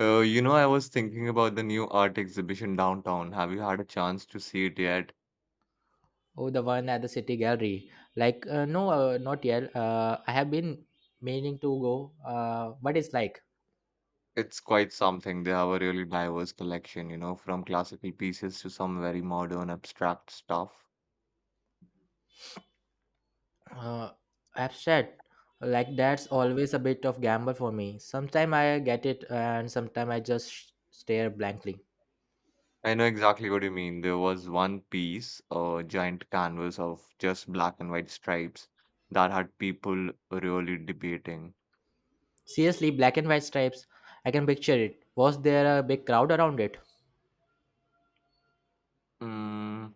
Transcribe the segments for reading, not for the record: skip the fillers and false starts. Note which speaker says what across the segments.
Speaker 1: I was thinking about the new art exhibition downtown. Have you had a chance to see it yet?
Speaker 2: Oh, the one at the City Gallery. No, not yet. I have been meaning to go. What is like?
Speaker 1: It's quite something. They have a really diverse collection, you know, from classical pieces to some very modern abstract stuff.
Speaker 2: Uh, Abstract. Like that's always a bit of gamble for me. Sometimes I get it, and sometimes I just stare blankly.
Speaker 1: I know exactly what you mean. There was one piece, a giant canvas of just black and white stripes that had people really debating.
Speaker 2: Seriously, black and white stripes. I can picture it. Was there a big crowd around it?
Speaker 1: Mm,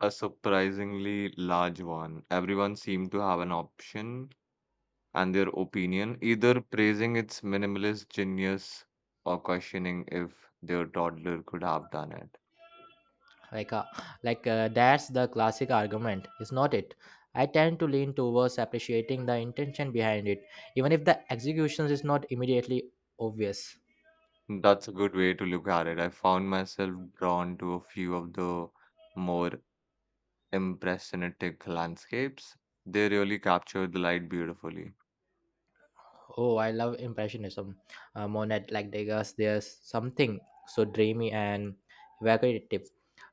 Speaker 1: a surprisingly large one. Everyone seemed to have an option and their opinion, either praising its minimalist genius or questioning if their toddler could have done it.
Speaker 2: like uh, like, that's the classic argument, is not it? I tend to lean towards appreciating the intention behind it, even if the execution is not immediately obvious.
Speaker 1: That's a good way to look at it. I found myself drawn to a few of the more impressionistic landscapes. They really captured the light beautifully.
Speaker 2: Oh, I love impressionism. Monet, like Degas, there's something so dreamy and evocative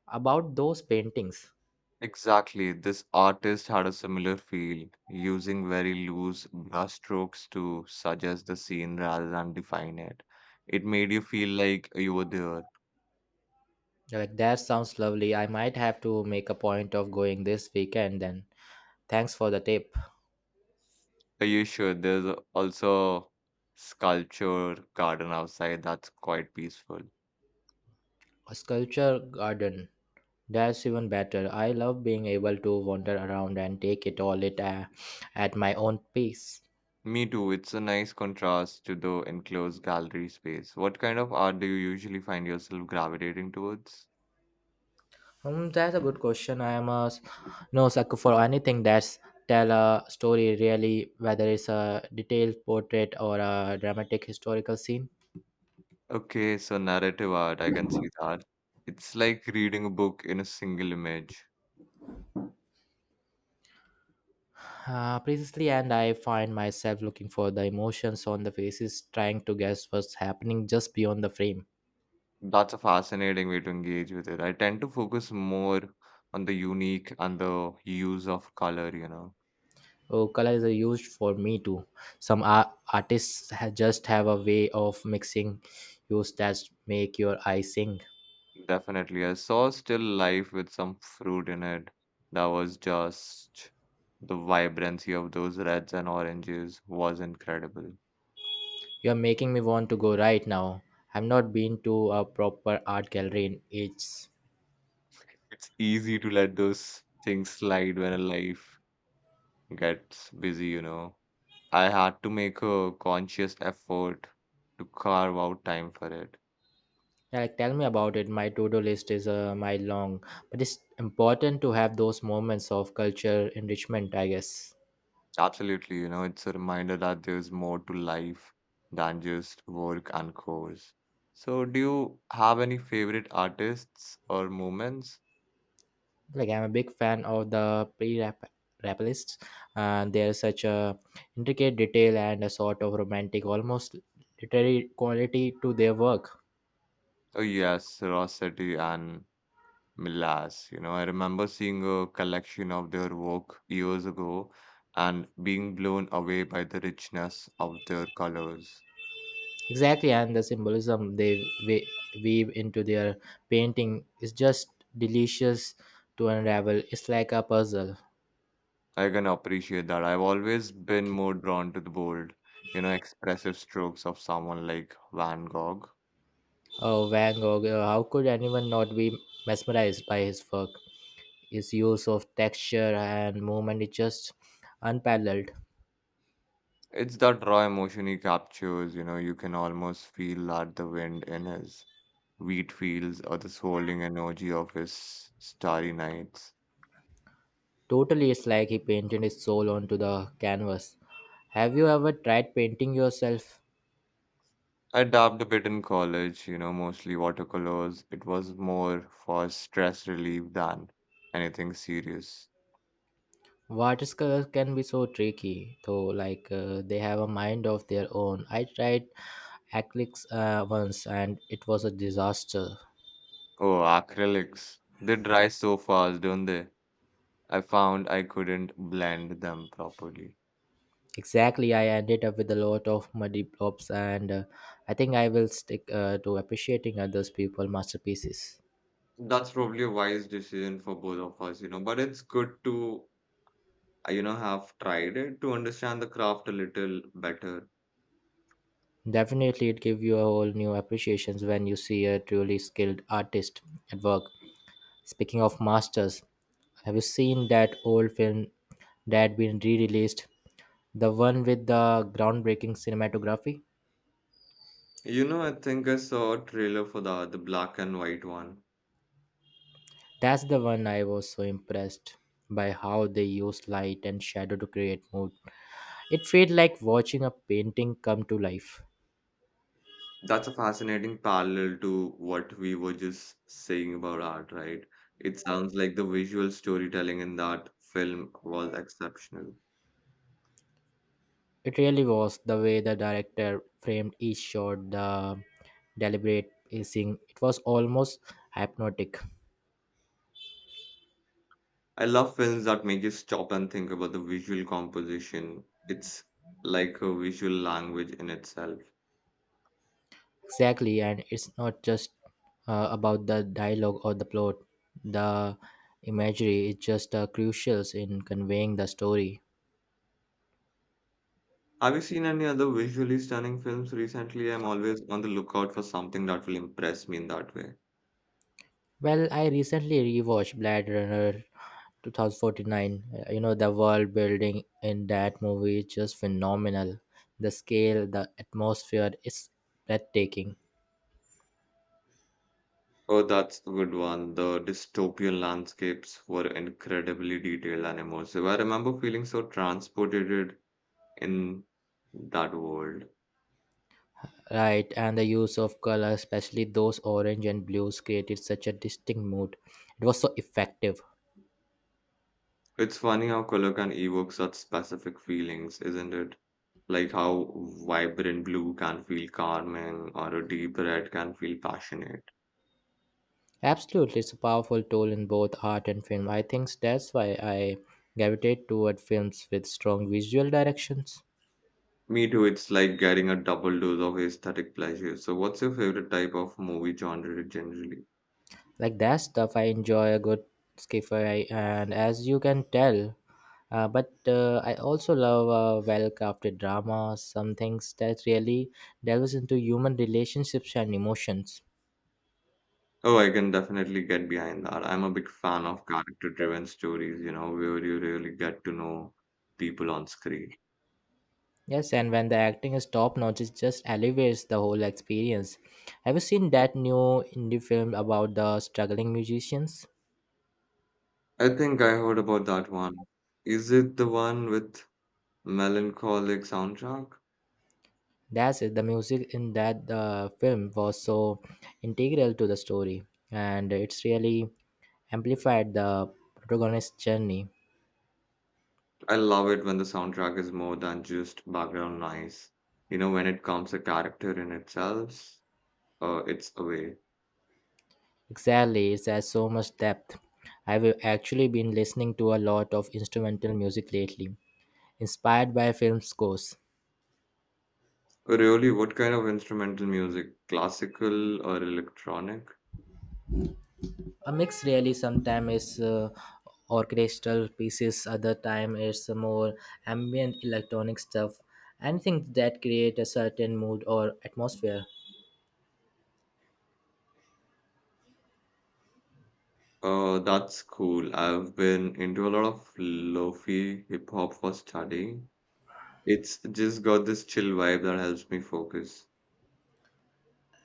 Speaker 2: about those paintings.
Speaker 1: Exactly, this artist had a similar feel, using very loose brushstrokes to suggest the scene rather than define it. It made you feel like you were there.
Speaker 2: Like that sounds lovely. I might have to make a point of going this weekend then. Thanks for the tip.
Speaker 1: Are you sure? Also sculpture garden outside that's quite peaceful.
Speaker 2: A sculpture garden? That's even better. I love being able to wander around and take it all it at my own pace.
Speaker 1: Me too. It's a nice contrast to the enclosed gallery space. What kind of art do you usually find yourself gravitating towards?
Speaker 2: That's a good question. I am a s- no sucker for anything that's tell a story really, whether it's a detailed portrait or a dramatic historical scene.
Speaker 1: Okay, so narrative art, I can see that. It's like reading a book in a single image.
Speaker 2: Precisely, and I find myself looking for the emotions on the faces, trying to guess what's happening just beyond the frame.
Speaker 1: That's a fascinating way to engage with it. I tend to focus more on the unique and the use of color, you know.
Speaker 2: Oh, color is a used for me too. Some artists just have a way of mixing hues that make your eyes sing.
Speaker 1: Definitely. I saw Still Life with some fruit in it. That was just the vibrancy of those reds and oranges was incredible.
Speaker 2: You are making me want to go right now. I've not been to a proper art gallery in ages.
Speaker 1: It's easy to let those things slide when life gets busy, you know. I had to make a conscious effort to carve out time for it.
Speaker 2: Yeah. Like, tell me about it. My to-do list is a mile long, but it's important to have those moments of culture enrichment, I guess.
Speaker 1: Absolutely, you know, it's a reminder that there's more to life than just work and chores. So, do you have any favorite artists or moments?
Speaker 2: Like, I'm a big fan of the pre-rap rap lists, and they're such a intricate detail and a sort of romantic, almost literary quality to their work.
Speaker 1: Oh yes, Rossetti and Milas. You know, I remember seeing a collection of their work years ago and being blown away by the richness of their colors.
Speaker 2: Exactly, and the symbolism they we- weave into their painting is just delicious to unravel. It's like a puzzle.
Speaker 1: I can appreciate that. I've always been more drawn to the bold, you know, expressive strokes of someone like Van Gogh.
Speaker 2: Oh, Van Gogh. How could anyone not be mesmerized by his work? His use of texture and movement is just unparalleled.
Speaker 1: It's that raw emotion he captures, you know, you can almost feel that the wind in his wheat fields or the swirling energy of his starry nights.
Speaker 2: Totally, it's like he painted his soul onto the canvas. Have you ever tried painting yourself?
Speaker 1: I dabbed a bit in college, you know, mostly watercolors. It was more for stress relief than anything serious.
Speaker 2: Watercolors can be so tricky, though, they have a mind of their own. I tried acrylics once and it was a disaster.
Speaker 1: Oh, acrylics. They dry so fast, don't they? I found I couldn't blend them properly.
Speaker 2: Exactly, I ended up with a lot of muddy blobs, and I think I will stick to appreciating others people masterpieces.
Speaker 1: That's probably a wise decision for both of us, you know, but it's good to have tried it to understand the craft a little better.
Speaker 2: Definitely, it gives you a whole new appreciations when you see a truly skilled artist at work. Speaking of masters, have you seen that old film that been re-released? The one with the groundbreaking cinematography?
Speaker 1: You know, I think I saw a trailer for the black and white one.
Speaker 2: That's the one. I was so impressed by how they used light and shadow to create mood. It felt like watching a painting come to life.
Speaker 1: That's a fascinating parallel to what we were just saying about art, right? It sounds like the visual storytelling in that film was exceptional.
Speaker 2: It really was. The way the director framed each shot, the deliberate pacing, it was almost hypnotic.
Speaker 1: I love films that make you stop and think about the visual composition. It's like a visual language in itself.
Speaker 2: Exactly, and it's not just about the dialogue or the plot. The imagery is just crucial in conveying the story.
Speaker 1: Have you seen any other visually stunning films recently? I'm always on the lookout for something that will impress me in that way.
Speaker 2: Well, I recently rewatched Blade Runner 2049. You know, the world building in that movie is just phenomenal. The scale, the atmosphere is breathtaking.
Speaker 1: Oh, that's the good one. The dystopian landscapes were incredibly detailed and immersive. I remember feeling so transported in that world.
Speaker 2: Right, and the use of color, especially those orange and blues, created such a distinct mood. It was so effective.
Speaker 1: It's funny how color can evoke such specific feelings, isn't it? Like how vibrant blue can feel calming or a deep red can feel passionate.
Speaker 2: Absolutely, it's a powerful tool in both art and film. I think that's why I gravitate toward films with strong visual directions.
Speaker 1: Me too, it's like getting a double dose of aesthetic pleasure. So, what's your favorite type of movie genre generally?
Speaker 2: Like that stuff, I enjoy a good skiffer, I- and as you can tell, but I also love a well crafted drama, some things that really delves into human relationships and emotions.
Speaker 1: Oh, I can definitely get behind that. I'm a big fan of character-driven stories, you know, where you really get to know people on screen.
Speaker 2: Yes, and when the acting is top notch, it just elevates the whole experience. Have you seen that new indie film about the struggling musicians?
Speaker 1: I think I heard about that one. Is it the one with melancholic soundtrack?
Speaker 2: That's it. The music in that film was so integral to the story, and it's really amplified the protagonist's journey.
Speaker 1: I love it when the soundtrack is more than just background noise. You know, when it comes a character in itself, it's away.
Speaker 2: Exactly, it has so much depth. I've actually been listening to a lot of instrumental music lately, inspired by film scores.
Speaker 1: Really, what kind of instrumental music? Classical or electronic?
Speaker 2: A mix really. Sometimes is orchestral pieces, other time it's more ambient electronic stuff. Anything that create a certain mood or atmosphere.
Speaker 1: That's cool. I've been into a lot of lofi hip hop for studying. It's just got this chill vibe that helps me focus.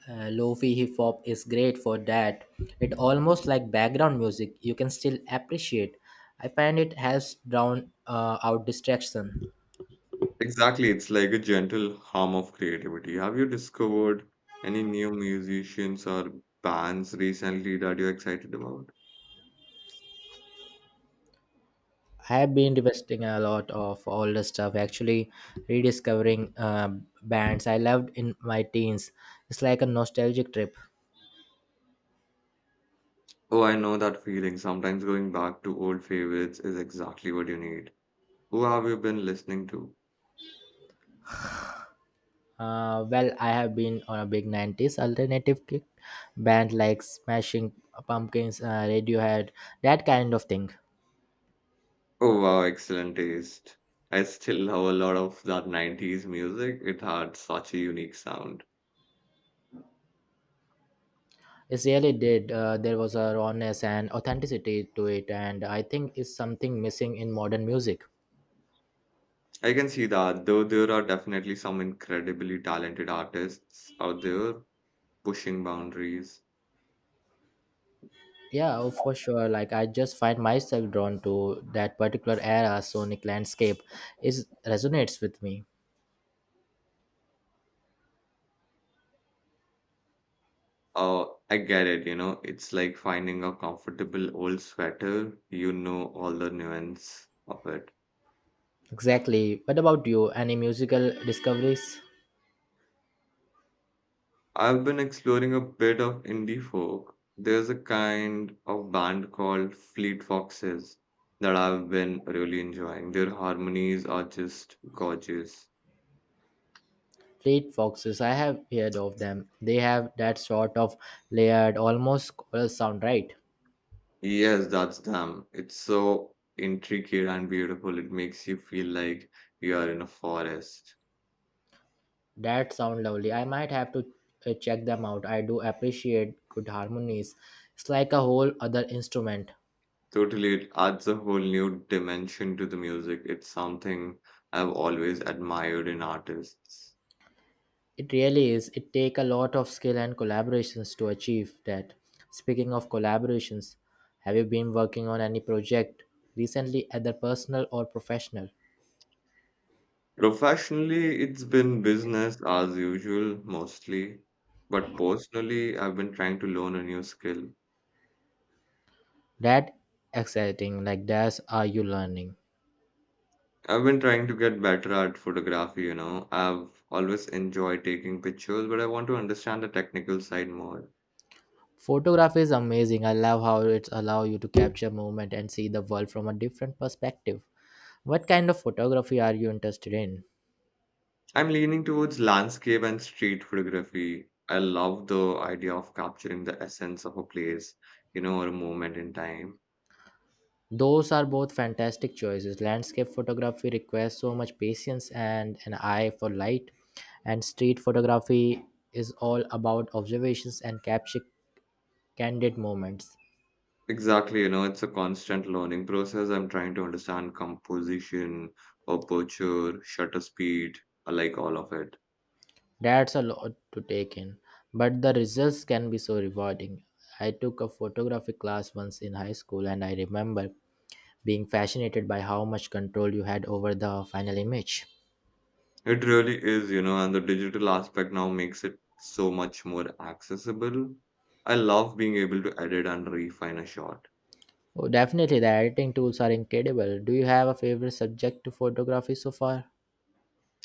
Speaker 2: Lo-fi hip hop is great for that. It almost like background music. You can still appreciate. I find it helps drown out distraction.
Speaker 1: Exactly, it's like a gentle hum of creativity. Have you discovered any new musicians or bands recently that you're excited about?
Speaker 2: I have been revisiting a lot of older stuff. Actually, rediscovering bands I loved in my teens. It's like a nostalgic trip.
Speaker 1: Oh, I know that feeling. Sometimes going back to old favorites is exactly what you need. Who have you been listening to?
Speaker 2: Well, I have been on a big '90s alternative kick, band like Smashing Pumpkins, Radiohead, that kind of thing.
Speaker 1: Oh wow, excellent taste. I still love a lot of that 90s music. It had such a unique sound.
Speaker 2: It really did. There was a rawness and authenticity to it, and I think it's something missing in modern music.
Speaker 1: I can see that, though there are definitely some incredibly talented artists out there pushing boundaries.
Speaker 2: Yeah, oh, for sure. Like, I just find myself drawn to that particular era sonic landscape. It resonates with me.
Speaker 1: Oh, I get it, you know, it's like finding a comfortable old sweater. You know all the nuance of it.
Speaker 2: Exactly. What about you? Any musical discoveries?
Speaker 1: I've been exploring a bit of indie folk. There's a kind of band called Fleet Foxes that I've been really enjoying. Their harmonies are just gorgeous.
Speaker 2: Fleet Foxes. I have heard of them. They have that sort of layered, almost choral sound, right?
Speaker 1: Yes, that's them. It's so intricate and beautiful. It makes you feel like you are in a forest.
Speaker 2: That sound lovely. I might have to check them out. I do appreciate good harmonies. It's like a whole other instrument.
Speaker 1: Totally, it adds a whole new dimension to the music. It's something I've always admired in artists.
Speaker 2: It really is. It take a lot of skill and collaborations to achieve that. Speaking of collaborations, have you been working on any project recently, either personal or professional?
Speaker 1: Professionally, it's been business as usual mostly, but personally, I've been trying to learn a new skill.
Speaker 2: That exciting. Like that's are you learning?
Speaker 1: I've been trying to get better at photography, you know. I've always enjoyed taking pictures, but I want to understand the technical side more.
Speaker 2: Photography is amazing. I love how it allows you to capture movement and see the world from a different perspective. What kind of photography are you interested in?
Speaker 1: I'm leaning towards landscape and street photography. I love the idea of capturing the essence of a place, you know, or a moment in time.
Speaker 2: Those are both fantastic choices. Landscape photography requires so much patience and an eye for light, and street photography is all about observations and capture candid moments.
Speaker 1: Exactly, you know, it's a constant learning process. I'm trying to understand composition, aperture, shutter speed, I like all of it.
Speaker 2: That's a lot to take in, but the results can be so rewarding. I took a photography class once in high school, and I remember being fascinated by how much control you had over the final image.
Speaker 1: It really is, you know, and the digital aspect now makes it so much more accessible. I love being able to edit and refine a shot.
Speaker 2: Oh, definitely, the editing tools are incredible. Do you have a favorite subject to photography so far?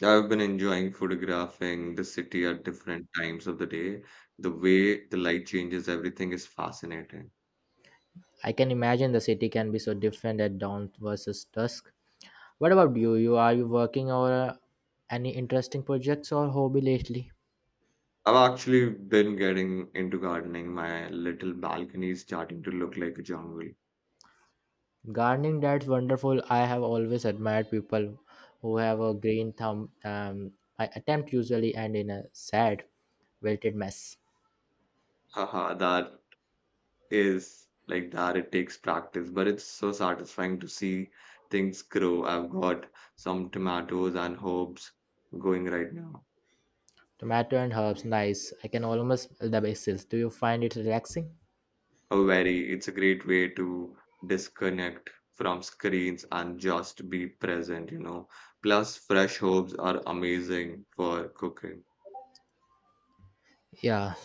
Speaker 1: I've been enjoying photographing the city at different times of the day. The way the light changes everything is fascinating.
Speaker 2: I can imagine the city can be so different at dawn versus dusk. What about you? You are you working on any interesting projects or hobby lately?
Speaker 1: I've actually been getting into gardening. My little balcony is starting to look like a jungle.
Speaker 2: Gardening, that's wonderful. I have always admired people who have a green thumb. My attempt usually end in a sad, wilted mess.
Speaker 1: Haha, that is like that it takes practice, but it's so satisfying to see things grow. I've got some tomatoes and herbs going right now.
Speaker 2: Tomato and herbs, nice. I can almost smell the basil. Do you find it relaxing?
Speaker 1: A very, it's a great way to disconnect from screens and just be present, you know. Plus, fresh herbs are amazing for cooking.
Speaker 2: Yeah.